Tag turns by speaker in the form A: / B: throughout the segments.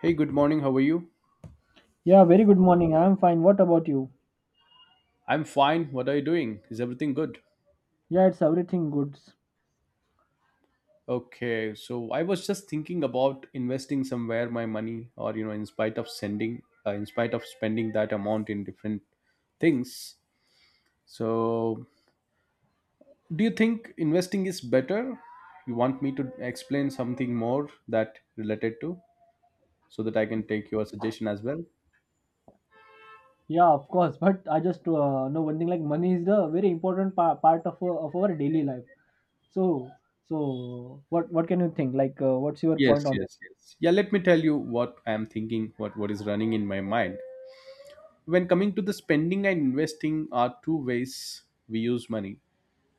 A: Hey, good morning. How are you?
B: Yeah, very good morning. I'm fine. What about you?
A: I'm fine. What are you doing? Is everything good?
B: Yeah, it's everything good.
A: Okay, so I was just thinking about investing somewhere my money, or in spite of sending, in spite of spending that amount in different things. So, do you think investing is better? You want me to explain something more that related to, so that I can take your suggestion as well?
B: Yeah, of course. But I just know one thing, like money is the very important part of, of our daily life. So, so what can you think? Like, what's your
A: Yes,
B: point on that?
A: yes, yes. Yeah, let me tell you what I'm thinking, what is running in my mind. When coming to the spending and investing are two ways we use money,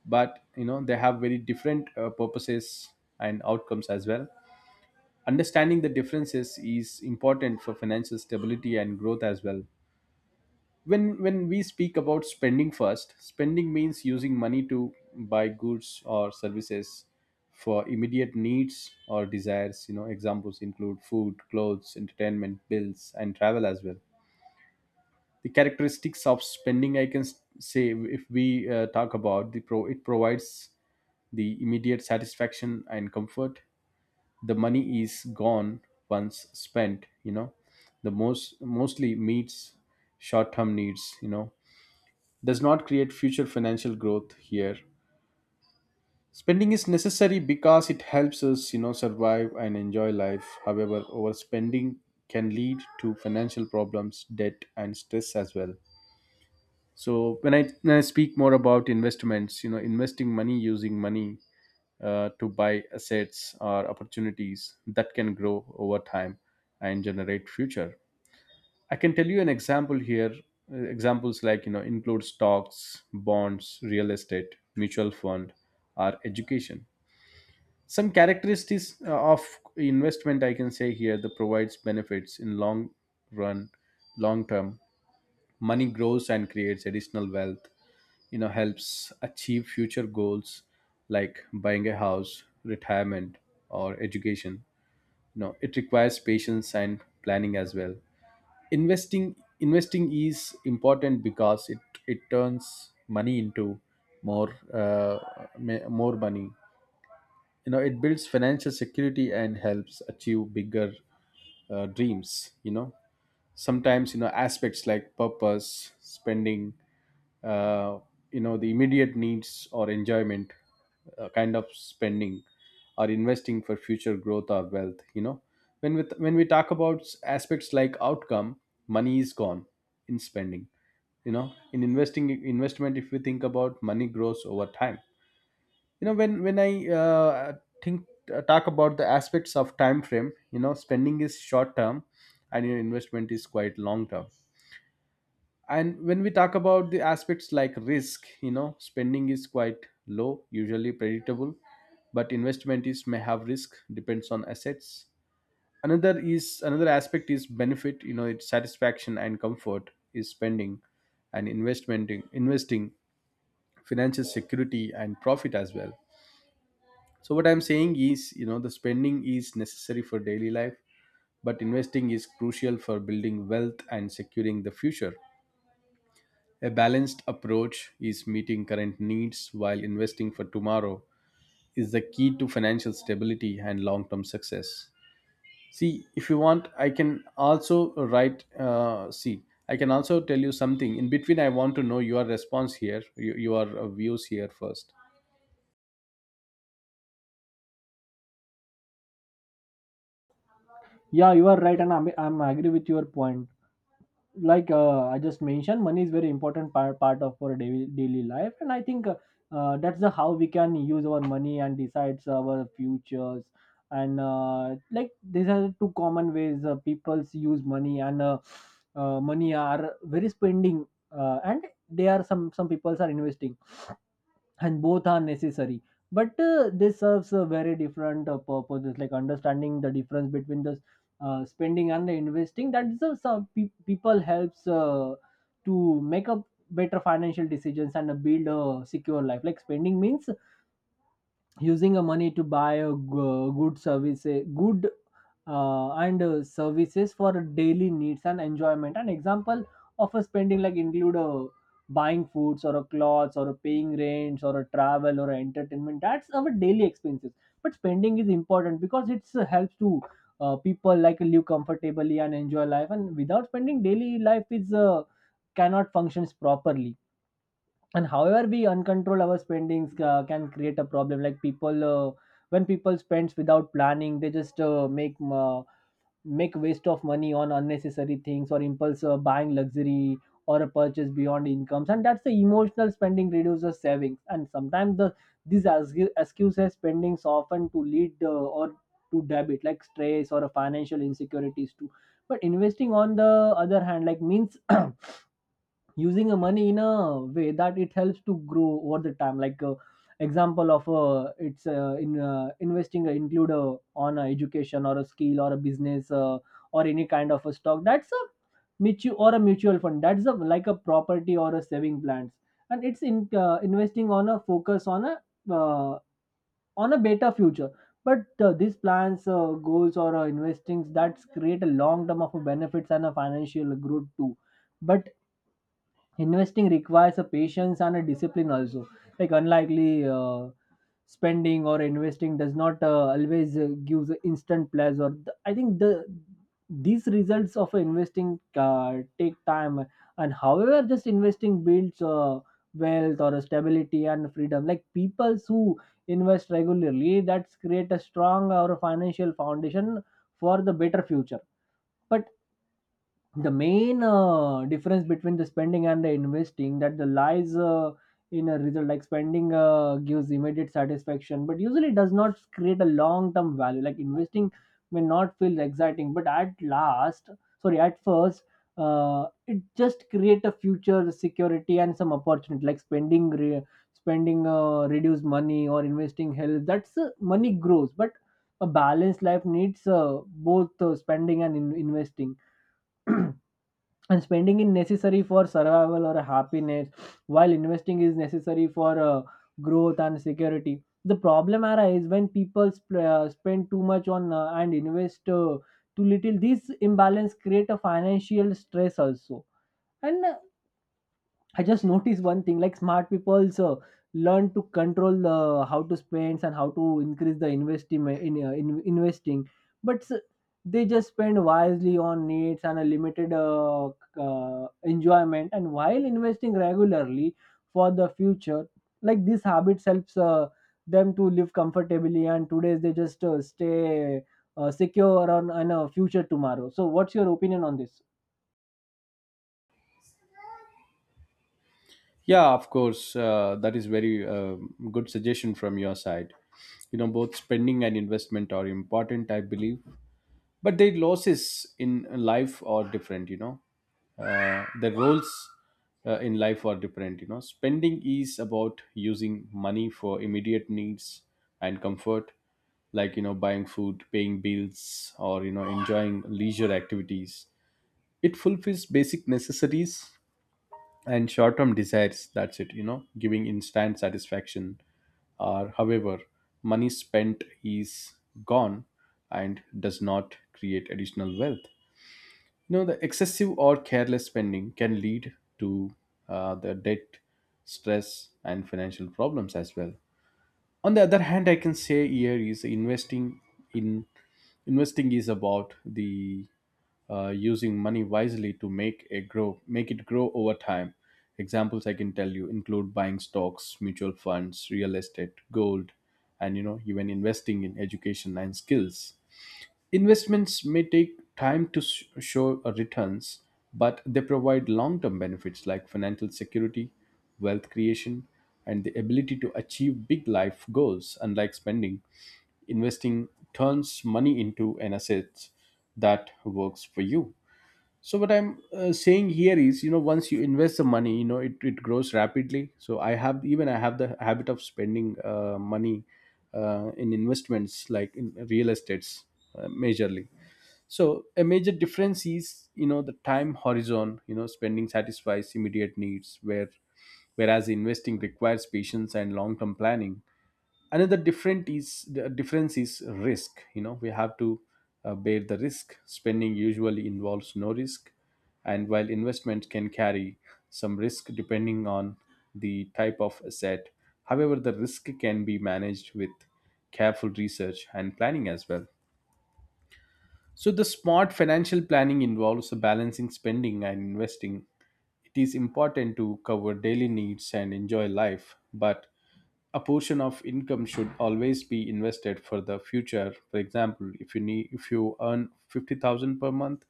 A: but you know they have very different purposes and outcomes as well. Understanding the differences is important for financial stability and growth as well. When we speak about spending first, spending means using money to buy goods or services for immediate needs or desires. You know, examples include food, clothes, entertainment, bills, and travel as well. The characteristics of spending, I can say if we talk about the pro, it provides the immediate satisfaction and comfort. The money is gone once spent, you know. The mostly meets short term needs, you know, does not create future financial growth here. Spending is necessary because it helps us, you know, survive and enjoy life. However, overspending can lead to financial problems, debt, and stress as well. So when I speak more about investments, you know, investing money, using money to buy assets or opportunities that can grow over time and generate future. I can tell you an example here. Examples like you know include stocks, bonds, real estate, mutual fund, or education. Some characteristics of investment I can say here, that provides benefits in long run, long term. Money grows and creates additional wealth, you know, helps achieve future goals like buying a house, retirement, or education. You know, it requires patience and planning as well. Investing is important because it turns money into more more money. You know, it builds financial security and helps achieve bigger dreams, you know. Sometimes, you know, aspects like purpose spending, uh, you know, the immediate needs or enjoyment, kind of spending, or investing for future growth or wealth, you know. When we talk about aspects like outcome, money is gone in spending, you know. In investing, investment, if we think about, money grows over time, you know. When I think talk about the aspects of time frame, you know, spending is short term and your investment is quite long term. And when we talk about the aspects like risk, you know, spending is quite low, usually predictable, but investment is may have risk, depends on assets. Another aspect is benefit, you know. It's satisfaction and comfort is spending, and investment, investing, financial security and profit as well. So what I'm saying is, you know, the spending is necessary for daily life, but investing is crucial for building wealth and securing the future. A balanced approach is meeting current needs while investing for tomorrow is the key to financial stability and long-term success. See, if you want, I can also write. See, I can also tell you something. In between, I want to know your response here, your views here first.
B: Yeah, you are right, and I'm agree with your point. Like I just mentioned, money is very important part, part of our daily, daily life, and I think that's the how we can use our money and decides our futures. And like these are two common ways people use money, and money are very spending, and they are some people are investing, and both are necessary. But this serves a very different purposes. Like understanding the difference between the spending and the investing, that is some people helps to make up better financial decisions and build a secure life. Like spending means using a money to buy a good services, good and services for daily needs and enjoyment. An example of a spending like include buying foods or a clothes or a paying rents or a travel or entertainment, that's our daily expenses. But spending is important because it's helps to people like live comfortably and enjoy life, and without spending daily life is cannot functions properly. And however we uncontrol our spendings, can create a problem. Like people when people spends without planning, they just make uh, make waste of money on unnecessary things or impulse buying luxury or a purchase beyond incomes, and that's the emotional spending reduces savings. And sometimes the these excuses spendings often to lead or to debit, like stress or financial insecurities too. But investing on the other hand like means using a money in a way that it helps to grow over the time. Like example of it's in investing include on education or a skill or a business, or any kind of a stock, that's a mutual or a mutual fund, that's a, like a property or a saving plans. And it's in investing on a focus uh, on a better future. But these plans, goals, or investings that create a long term of benefits and a financial growth too. But investing requires a patience and a discipline also. Like unlikely spending or investing does not always gives instant pleasure. I think the these results of investing take time. And however, just investing builds wealth or stability and freedom. Like people who invest regularly, that's create a strong or financial foundation for the better future. But the main difference between the spending and the investing, that the lies in a result. Like spending gives immediate satisfaction but usually does not create a long term value. Like investing may not feel exciting, but at last, sorry, at first, it just create a future security and some opportunity. Like spending reduce money, or investing help that's money grows. But a balanced life needs both spending and investing. And spending is necessary for survival or happiness, while investing is necessary for growth and security. The problem arises when people spend too much on and invest too little. This imbalance create a financial stress also. And I just noticed one thing, like smart people learn to control how to spend and how to increase the investment in investing, but they just spend wisely on needs and a limited enjoyment. And while investing regularly for the future, like this habit helps them to live comfortably. And today they just stay secure on a future tomorrow. So, what's your opinion on this?
A: Yeah, of course, that is very good suggestion from your side. You know, both spending and investment are important, I believe. But their losses in life are different, you know. The roles in life are different, you know. Spending is about using money for immediate needs and comfort, like you know, buying food, paying bills, or you know, enjoying leisure activities. It fulfills basic necessities and short term desires, that's it, you know, giving instant satisfaction. Or however, money spent is gone and does not create additional wealth. You know, the excessive or careless spending can lead to the debt, stress, and financial problems as well. On the other hand, I can say here, is investing. In Investing is about the using money wisely to make it grow over time. Examples I can tell you include buying stocks, mutual funds, real estate, gold, and you know, even investing in education and skills. Investments may take time to show returns, but they provide long term benefits like financial security, wealth creation, and the ability to achieve big life goals. Unlike spending, investing turns money into an asset that works for you. So what I'm saying here is, you know, once you invest the money, you know, it grows rapidly. So I have the habit of spending money in investments like in real estates majorly. So a major difference is, you know, the time horizon. You know, spending satisfies immediate needs, whereas investing requires patience and long-term planning. Another different is the difference is risk. You know, we have to bear the risk. Spending usually involves no risk, and while investment can carry some risk depending on the type of asset. However, the risk can be managed with careful research and planning as well. So the smart financial planning involves balancing spending and investing. It is important to cover daily needs and enjoy life, but a portion of income should always be invested for the future. For example, if you earn 50,000 per month,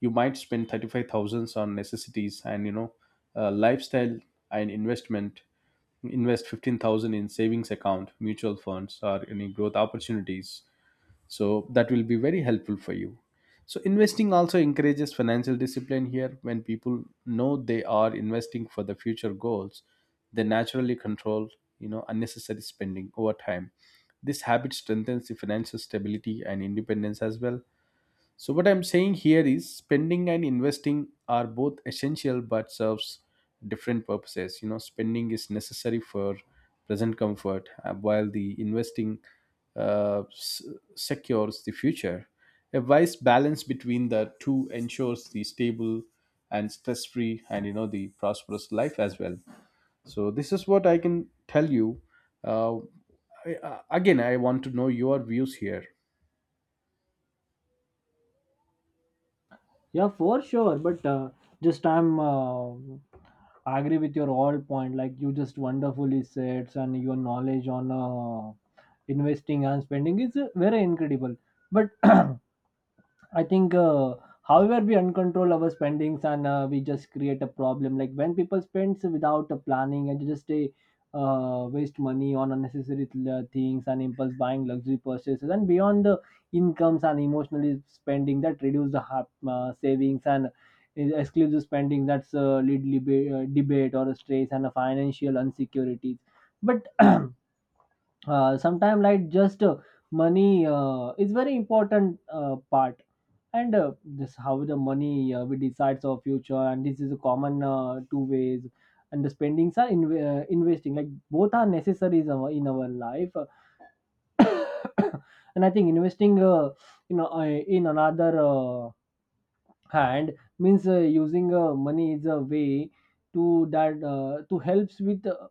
A: you might spend 35,000 on necessities and you know, lifestyle, and investment invest 15,000 in savings account, mutual funds, or any growth opportunities, so that will be very helpful for you. So investing also encourages financial discipline here. When people know they are investing for the future goals, they naturally control, you know, unnecessary spending over time. This habit strengthens the financial stability and independence as well. So what I'm saying here is, spending and investing are both essential but serves different purposes. You know, spending is necessary for present comfort, while the investing uh, s- secures the future. A wise balance between the two ensures the stable and stress-free and, you know, the prosperous life as well. So this is what I can tell you. Uh, Again, I want to know your views here.
B: Yeah, for sure. But just I'm agree with your all point. Like you just wonderfully said, and your knowledge on investing and spending is very incredible. But I think, however, we uncontrol our spendings, and we just create a problem. Like when people spends without a planning, and just they waste money on unnecessary things and impulse buying, luxury purchases, and beyond the incomes and emotionally spending that reduce the savings. And is exclusive spending that's lead debate or stress and a financial insecurities. But sometimes like just money is very important part. And this how the money we decides our future, and this is a common two ways. And the spendings are investing, like both are necessary in our life. And I think investing, in another, and means using money is a way to that to helps with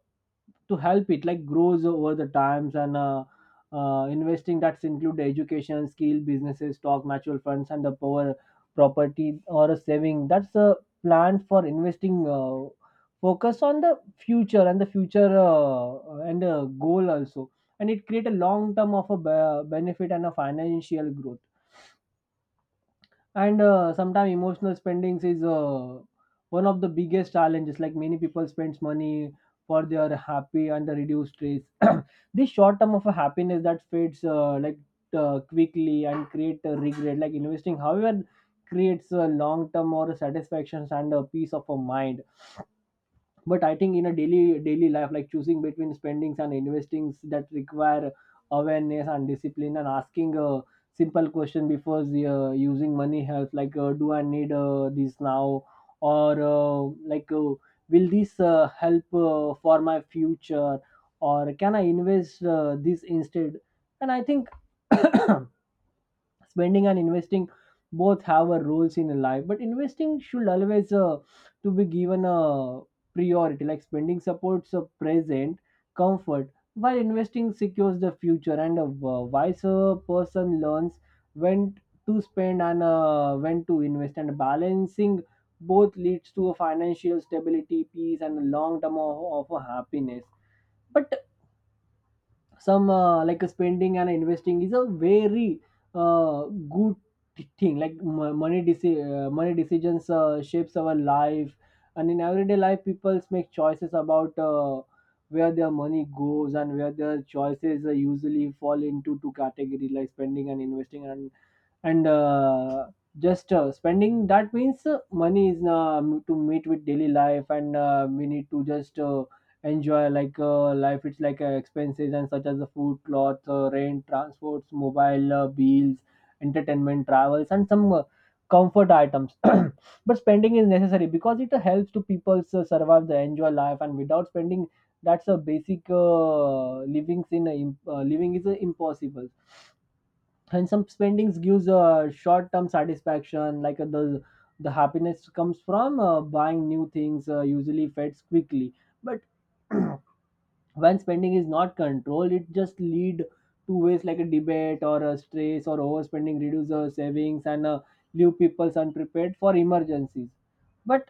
B: to help it like grows over the times. And investing that's include education, skill, businesses, stock, mutual funds, and the power, property, or a saving, that's a plan for investing, focus on the future and the future, and goal also. And it create a long term of a benefit and a financial growth. And sometimes emotional spendings is one of the biggest challenges. Like many people spends money for their happy and the reduced stress. This short term of a happiness that fades like quickly and create a regret. Like investing however creates a long term or satisfactions and a peace of a mind. But I think in a daily life, like choosing between spendings and investings, that require awareness and discipline. And asking a simple question before using money helps, like do I need this now, or like uh, will this help for my future, or can I invest this instead. And I think spending and investing both have a roles in life, but investing should always to be given a priority. Like spending supports a present comfort, while investing secures the future. And a wiser person learns when to spend and when to invest. And balancing both leads to a financial stability, peace, and long term of a happiness. But some spending and investing is a very uh, good thing. Like money decisions shapes our life. And in everyday life, people make choices about where their money goes, and where their choices usually fall into two categories, like spending and investing. And just spending that means money is to meet with daily life, and we need to just enjoy like life. It's like expenses, and such as the food, cloth, rent, transports, mobile bills, entertainment, travels, and some comfort items. But spending is necessary because it helps to people survive the enjoy life, and without spending, that's a basic living is impossible. And some spendings gives a short-term satisfaction, like the happiness comes from buying new things usually fades quickly. But when spending is not controlled, it just lead to ways, like a debate or a stress, or overspending reduces savings and leave people unprepared for emergencies. But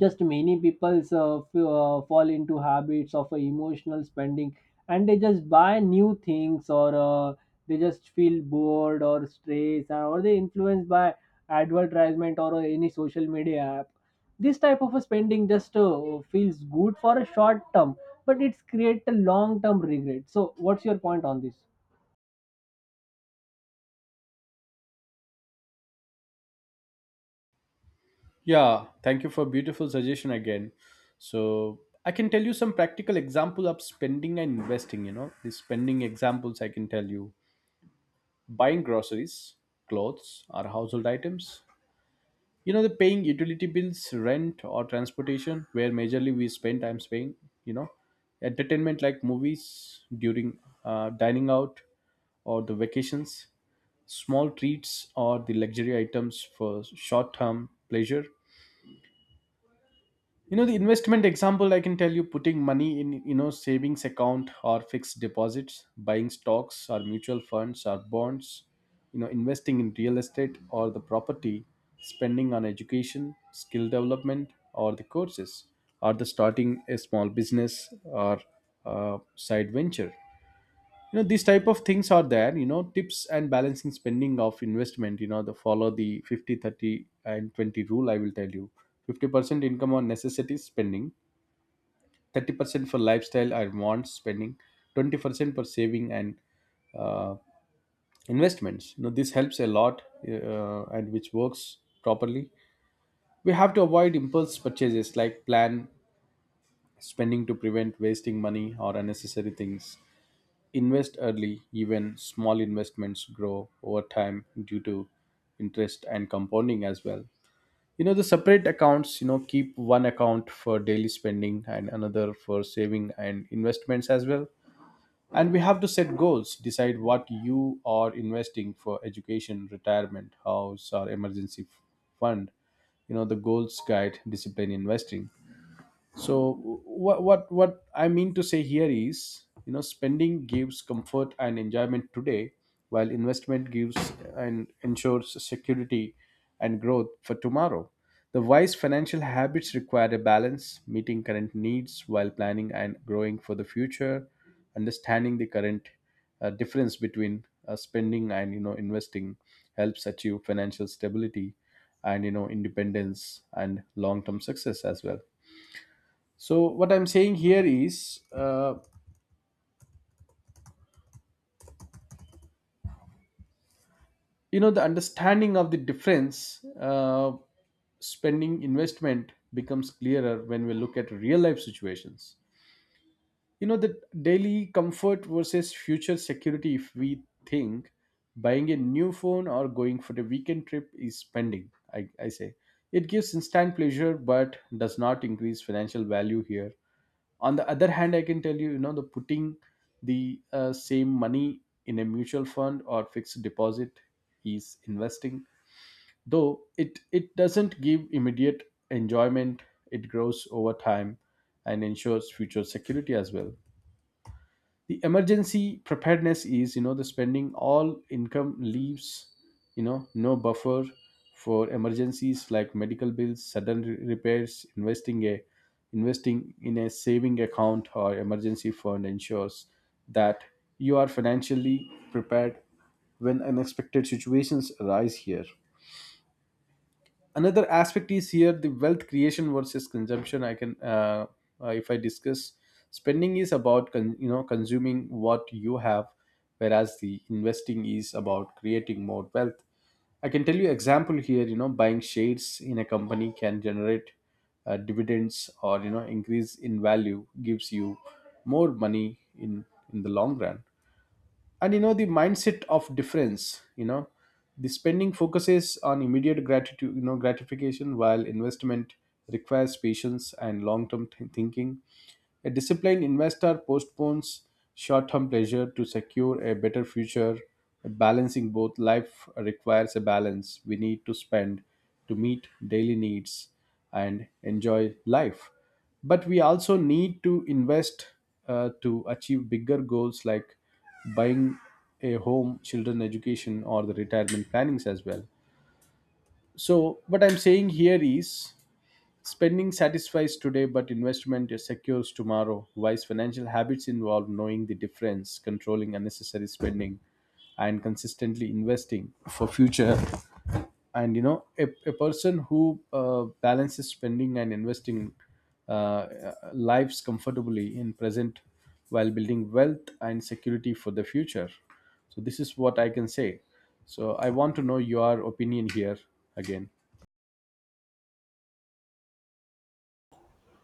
B: just many people's f- fall into habits of emotional spending. And they just buy new things, or they just feel bored or stressed, or they influenced by advertisement or any social media app. This type of a spending just feels good for a short term, but it's create a long term regret. So what's your point on this?
A: Yeah, thank you for beautiful suggestion again. So I can tell you some practical example of spending and investing. You know, these spending examples I can tell you: buying groceries, clothes, or household items. You know, the paying utility bills, rent, or transportation, where majorly we spend. I'm paying. You know, entertainment like movies during dining out or the vacations, small treats or the luxury items for short-term pleasure. You know, the investment example I can tell you, putting money in, you know, savings account or fixed deposits, buying stocks or mutual funds or bonds, you know, investing in real estate or the property, spending on education, skill development or the courses, or the starting a small business or side venture. You know, these type of things are there. You know, tips and balancing spending of investment, you know, the follow the 50 30 and 20 rule I will tell you. 50% income on necessities spending, 30% for lifestyle or wants spending, 20% for saving and uh, investments. You know this helps a lot and which works properly. We have to avoid impulse purchases like plan spending to prevent wasting money or unnecessary things. Invest early, even small investments grow over time due to interest and compounding as well. You know, the separate accounts, you know, keep one account for daily spending and another for saving and investments as well. And we have to set goals, decide what you are investing for: education, retirement, house, or emergency fund. You know, the goals guide discipline investing. So what I mean to say here is, you know, spending gives comfort and enjoyment today, while investment gives and ensures security and growth for tomorrow. The wise financial habits require a balance, meeting current needs while planning and growing for the future. Understanding the current difference between spending and, you know, investing helps achieve financial stability and, you know, independence and long-term success as well. So what I'm saying here is, you know, the understanding of the difference, spending investment becomes clearer when we look at real life situations. You know, the daily comfort versus future security. If we think buying a new phone or going for the weekend trip is spending, I say it gives instant pleasure but does not increase financial value here. On the other hand, I can tell you, you know, the putting the same money in a mutual fund or fixed deposit is investing. Though it doesn't give immediate enjoyment, it grows over time and ensures future security as well. The emergency preparedness is, you know, the spending all income leaves, you know, no buffer for emergencies like medical bills, sudden repairs. Investing in a saving account or emergency fund ensures that you are financially prepared when unexpected situations arise here. Another aspect is here, the wealth creation versus consumption. I can uh, uh, if i discuss, spending is about you know, consuming what you have, whereas the investing is about creating more wealth. I can tell you example here, you know, buying shares in a company can generate dividends or, you know, increase in value gives you more money in the long run. And you know, the mindset of difference, you know, the spending focuses on immediate gratitude, you know, gratification, while investment requires patience and long term thinking. A disciplined investor postpones short term pleasure to secure a better future, balancing both. Life requires a balance. We need to spend to meet daily needs and enjoy life. But we also need to invest to achieve bigger goals like buying a home, children education, or the retirement plannings as well. So, what I'm saying here is spending satisfies today, but investment secures tomorrow. Wise financial habits involve knowing the difference, controlling unnecessary spending, and consistently investing for future. And you know, a person who balances spending and investing lives comfortably in present while building wealth and security for the future. So this is what I can say. So I want to know your opinion here again.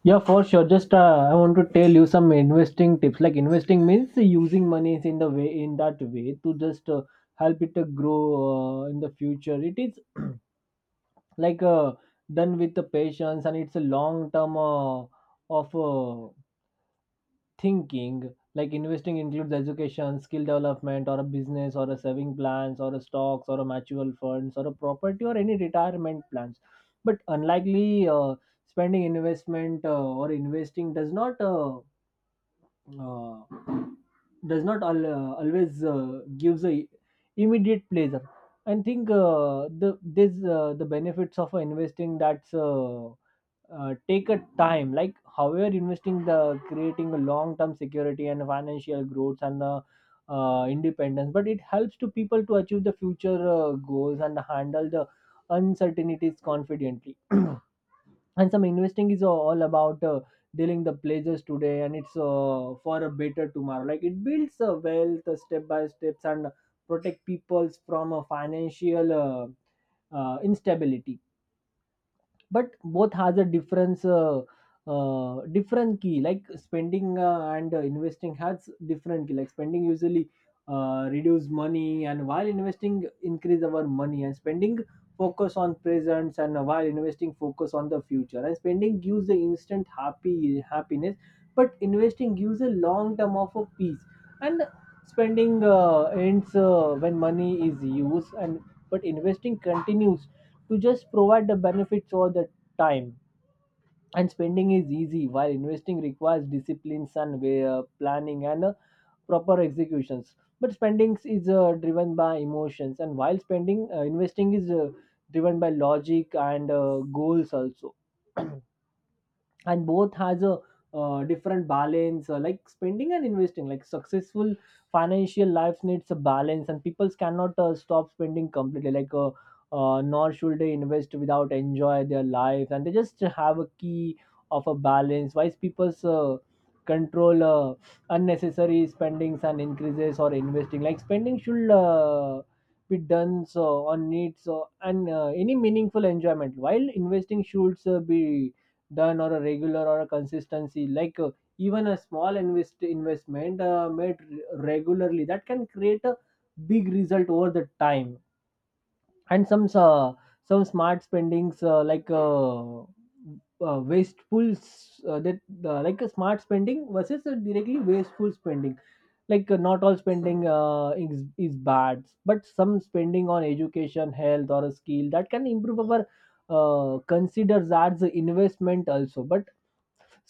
B: Yeah, for sure. Just I want to tell you some investing tips. Like investing means using money is in the way, in that way to just help it to grow in the future. It is like done with the patience, and it's a long term of thinking. Like investing includes education, skill development, or a business, or a saving plans, or a stocks, or a mutual funds, or a property, or any retirement plans. But unlikely spending investment or investing does not. Uh, does not always gives a immediate pleasure. I think the benefits of investing that's take a time. Like however investing the creating a long term security and financial growth and independence, but it helps to people to achieve the future goals and handle the uncertainties confidently. And some investing is all about dealing the pleasures today, and it's for a better tomorrow, like it builds wealth step by steps and protect peoples from a financial instability. But both has a difference, different key, like spending and investing has different key. Like spending usually reduce money, and while investing increase our money, and spending focus on presents, and while investing focus on the future, and spending gives the instant happy happiness but investing gives a long term of a peace. And spending ends when money is used, and but investing continues to just provide the benefits all the time. And spending is easy while investing requires disciplines and way, planning and proper executions. But spending is driven by emotions, and while spending investing is driven by logic and goals also. And both has a different balance, like spending and investing. Like successful financial lives needs a balance, and people cannot stop spending completely, like nor should they invest without enjoy their life. And they just have a key of a balance. Wise people's control unnecessary spendings and increases or investing. Like spending should be done so on needs so, and any meaningful enjoyment, while investing should be done or a regular or a consistency, like even a small investment made regularly that can create a big result over the time. And some smart spendings, wasteful s- that like a smart spending versus a directly wasteful spending. Like not all spending is bad, but some spending on education, health, or a skill that can improve our considers as an investment also. But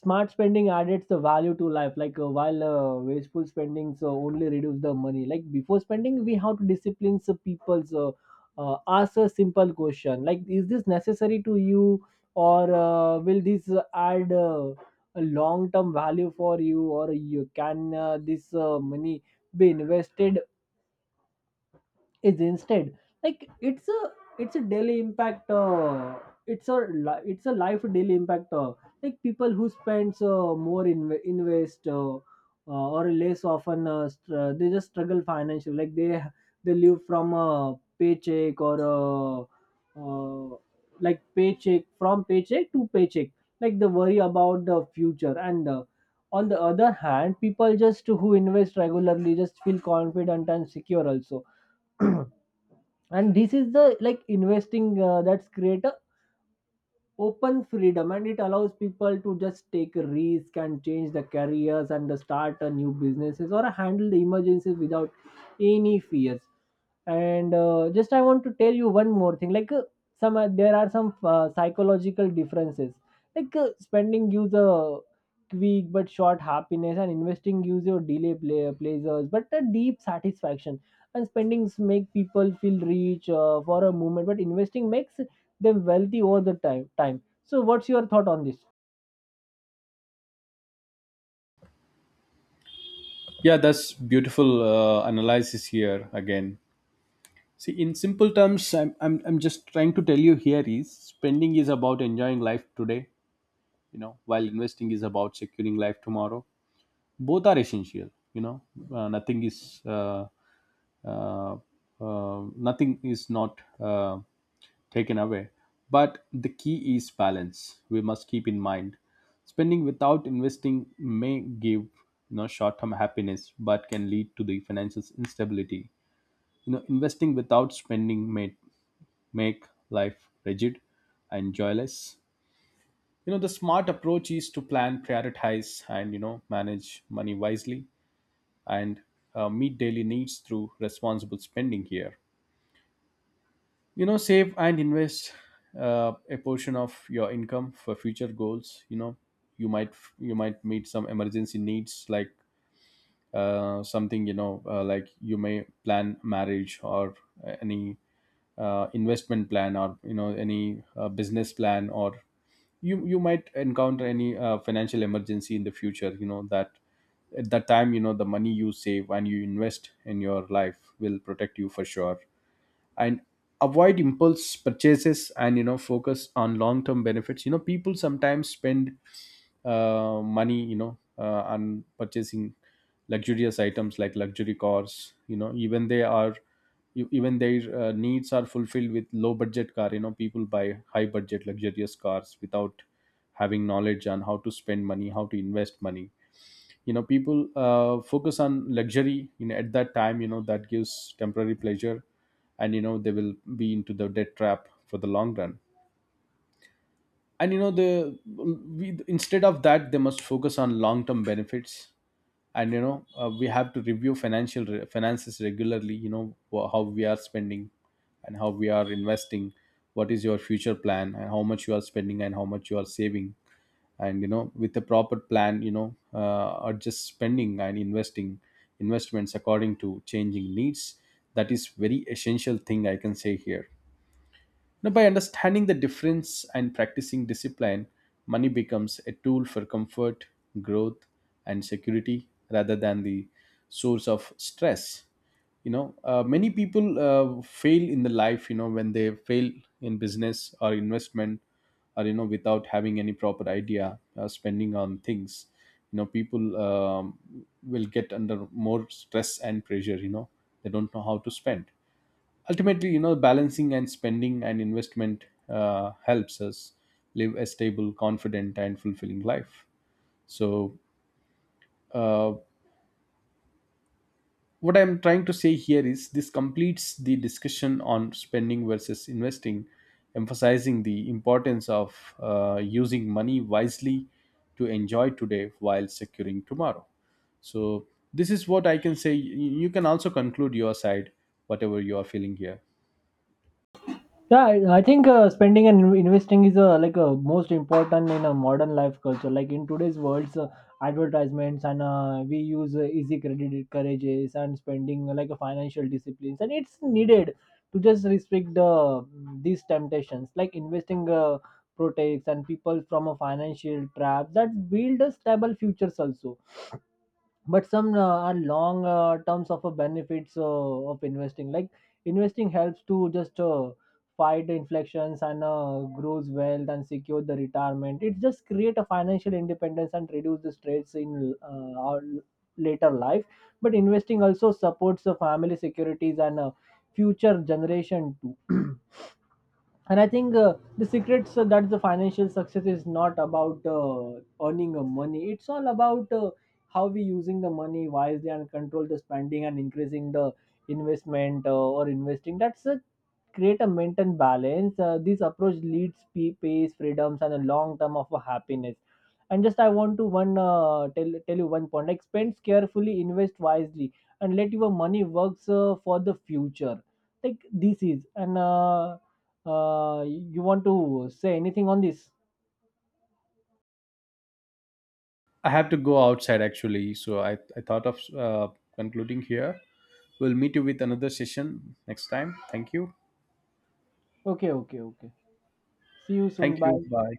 B: smart spending added the value to life, like while wasteful spending so only reduce the money. Like before spending we have to discipline the people. So ask a simple question like, is this necessary to you, or will this add a long term value for you, or you can this money be invested is instead. Like it's a daily impact, it's a it's a life daily impact, like people who spends more invest, or less often, they just struggle financially. Like they live from a paycheck or uh, like paycheck from paycheck to paycheck, like they worry about the future. And on the other hand, people just who invest regularly just feel confident and secure also. And this is the, like investing that's create open freedom, and it allows people to just take a risk and change the careers and start a new businesses or handle the emergencies without any fears. And just I want to tell you one more thing, like some there are some psychological differences. Like spending gives a quick but short happiness, and investing gives you delay pleasures but a deep satisfaction. And spendings make people feel rich for a moment, but investing makes them wealthy over the time. Time. So, what's your thought on this?
A: Yeah, that's beautiful analysis here again. See, in simple terms, I'm just trying to tell you here is spending is about enjoying life today, you know, while investing is about securing life tomorrow. Both are essential, you know, uh, nothing is uh, uh, nothing is not taken away. But the key is balance. We must keep in mind spending without investing may give, you know, short-term happiness, but can lead to the financial instability. You know, investing without spending may make life rigid and joyless. You know, the smart approach is to plan, prioritize, and you know, manage money wisely and meet daily needs through responsible spending here. You know, save and invest a portion of your income for future goals. You know, you might you might meet some emergency needs like something, you know, like you may plan marriage or any investment plan or, you know, any business plan, or you might encounter any financial emergency in the future. You know, that at that time, you know, the money you save and you invest in your life will protect you for sure. And avoid impulse purchases and, you know, focus on long term benefits. You know, people sometimes spend money, you know, on purchasing luxurious items like luxury cars. You know, even they are even their needs are fulfilled with low budget car, you know, people buy high budget luxurious cars without having knowledge on how to spend money, how to invest money. You know, people focus on luxury, you know, at that time, you know, that gives temporary pleasure and, you know, they will be into the debt trap for the long run. And you know, the we, instead of that, they must focus on long term benefits. And you know, we have to review financial finances regularly. You know, how we are spending and how we are investing, what is your future plan and how much you are spending and how much you are saving. And you know, with a proper plan, you know, or just spending and investing investments according to changing needs, that is very essential thing I can say here. Now, by understanding the difference and practicing discipline, money becomes a tool for comfort, growth, and security rather than the source of stress. You know, many people fail in the life, you know, when they fail in business or investment or, you know, without having any proper idea, spending on things. You know, people will get under more stress and pressure, you know, they don't know how to spend. Ultimately, you know, balancing and spending and investment helps us live a stable, confident and fulfilling life. So uh, what I'm trying to say here is this completes the discussion on spending versus investing, emphasizing the importance of using money wisely to enjoy today while securing tomorrow. So this is what I can say. You can also conclude your side, whatever you are feeling here.
B: Yeah, I think spending and investing is most important in a modern life culture. Like in today's world's advertisements, and we use easy credit courages and spending like a financial disciplines, and it's needed to just restrict the these temptations. Like investing protects and people from a financial trap that build a stable futures also. But some are long terms of benefits of investing, like investing helps to just fight inflections and grows wealth and secure the retirement. It just create a financial independence and reduce the stress in our later life. But investing also supports the family securities and future generation too. And I think the secrets that the financial success is not about earning money, it's all about how we using the money wisely and control the spending and increasing the investment or investing, that's create a maintain balance. This approach leads peace, freedoms, and a long term of a happiness. And just I want to one tell tell you one point: like spend carefully, invest wisely, and let your money works for the future. Like this is, and you want to say anything on this?
A: I have to go outside actually, so I thought of concluding here. We'll meet you with another session next time. Thank you.
B: Okay, okay, okay. See you soon.
A: Thank you.
B: Bye.
A: Bye.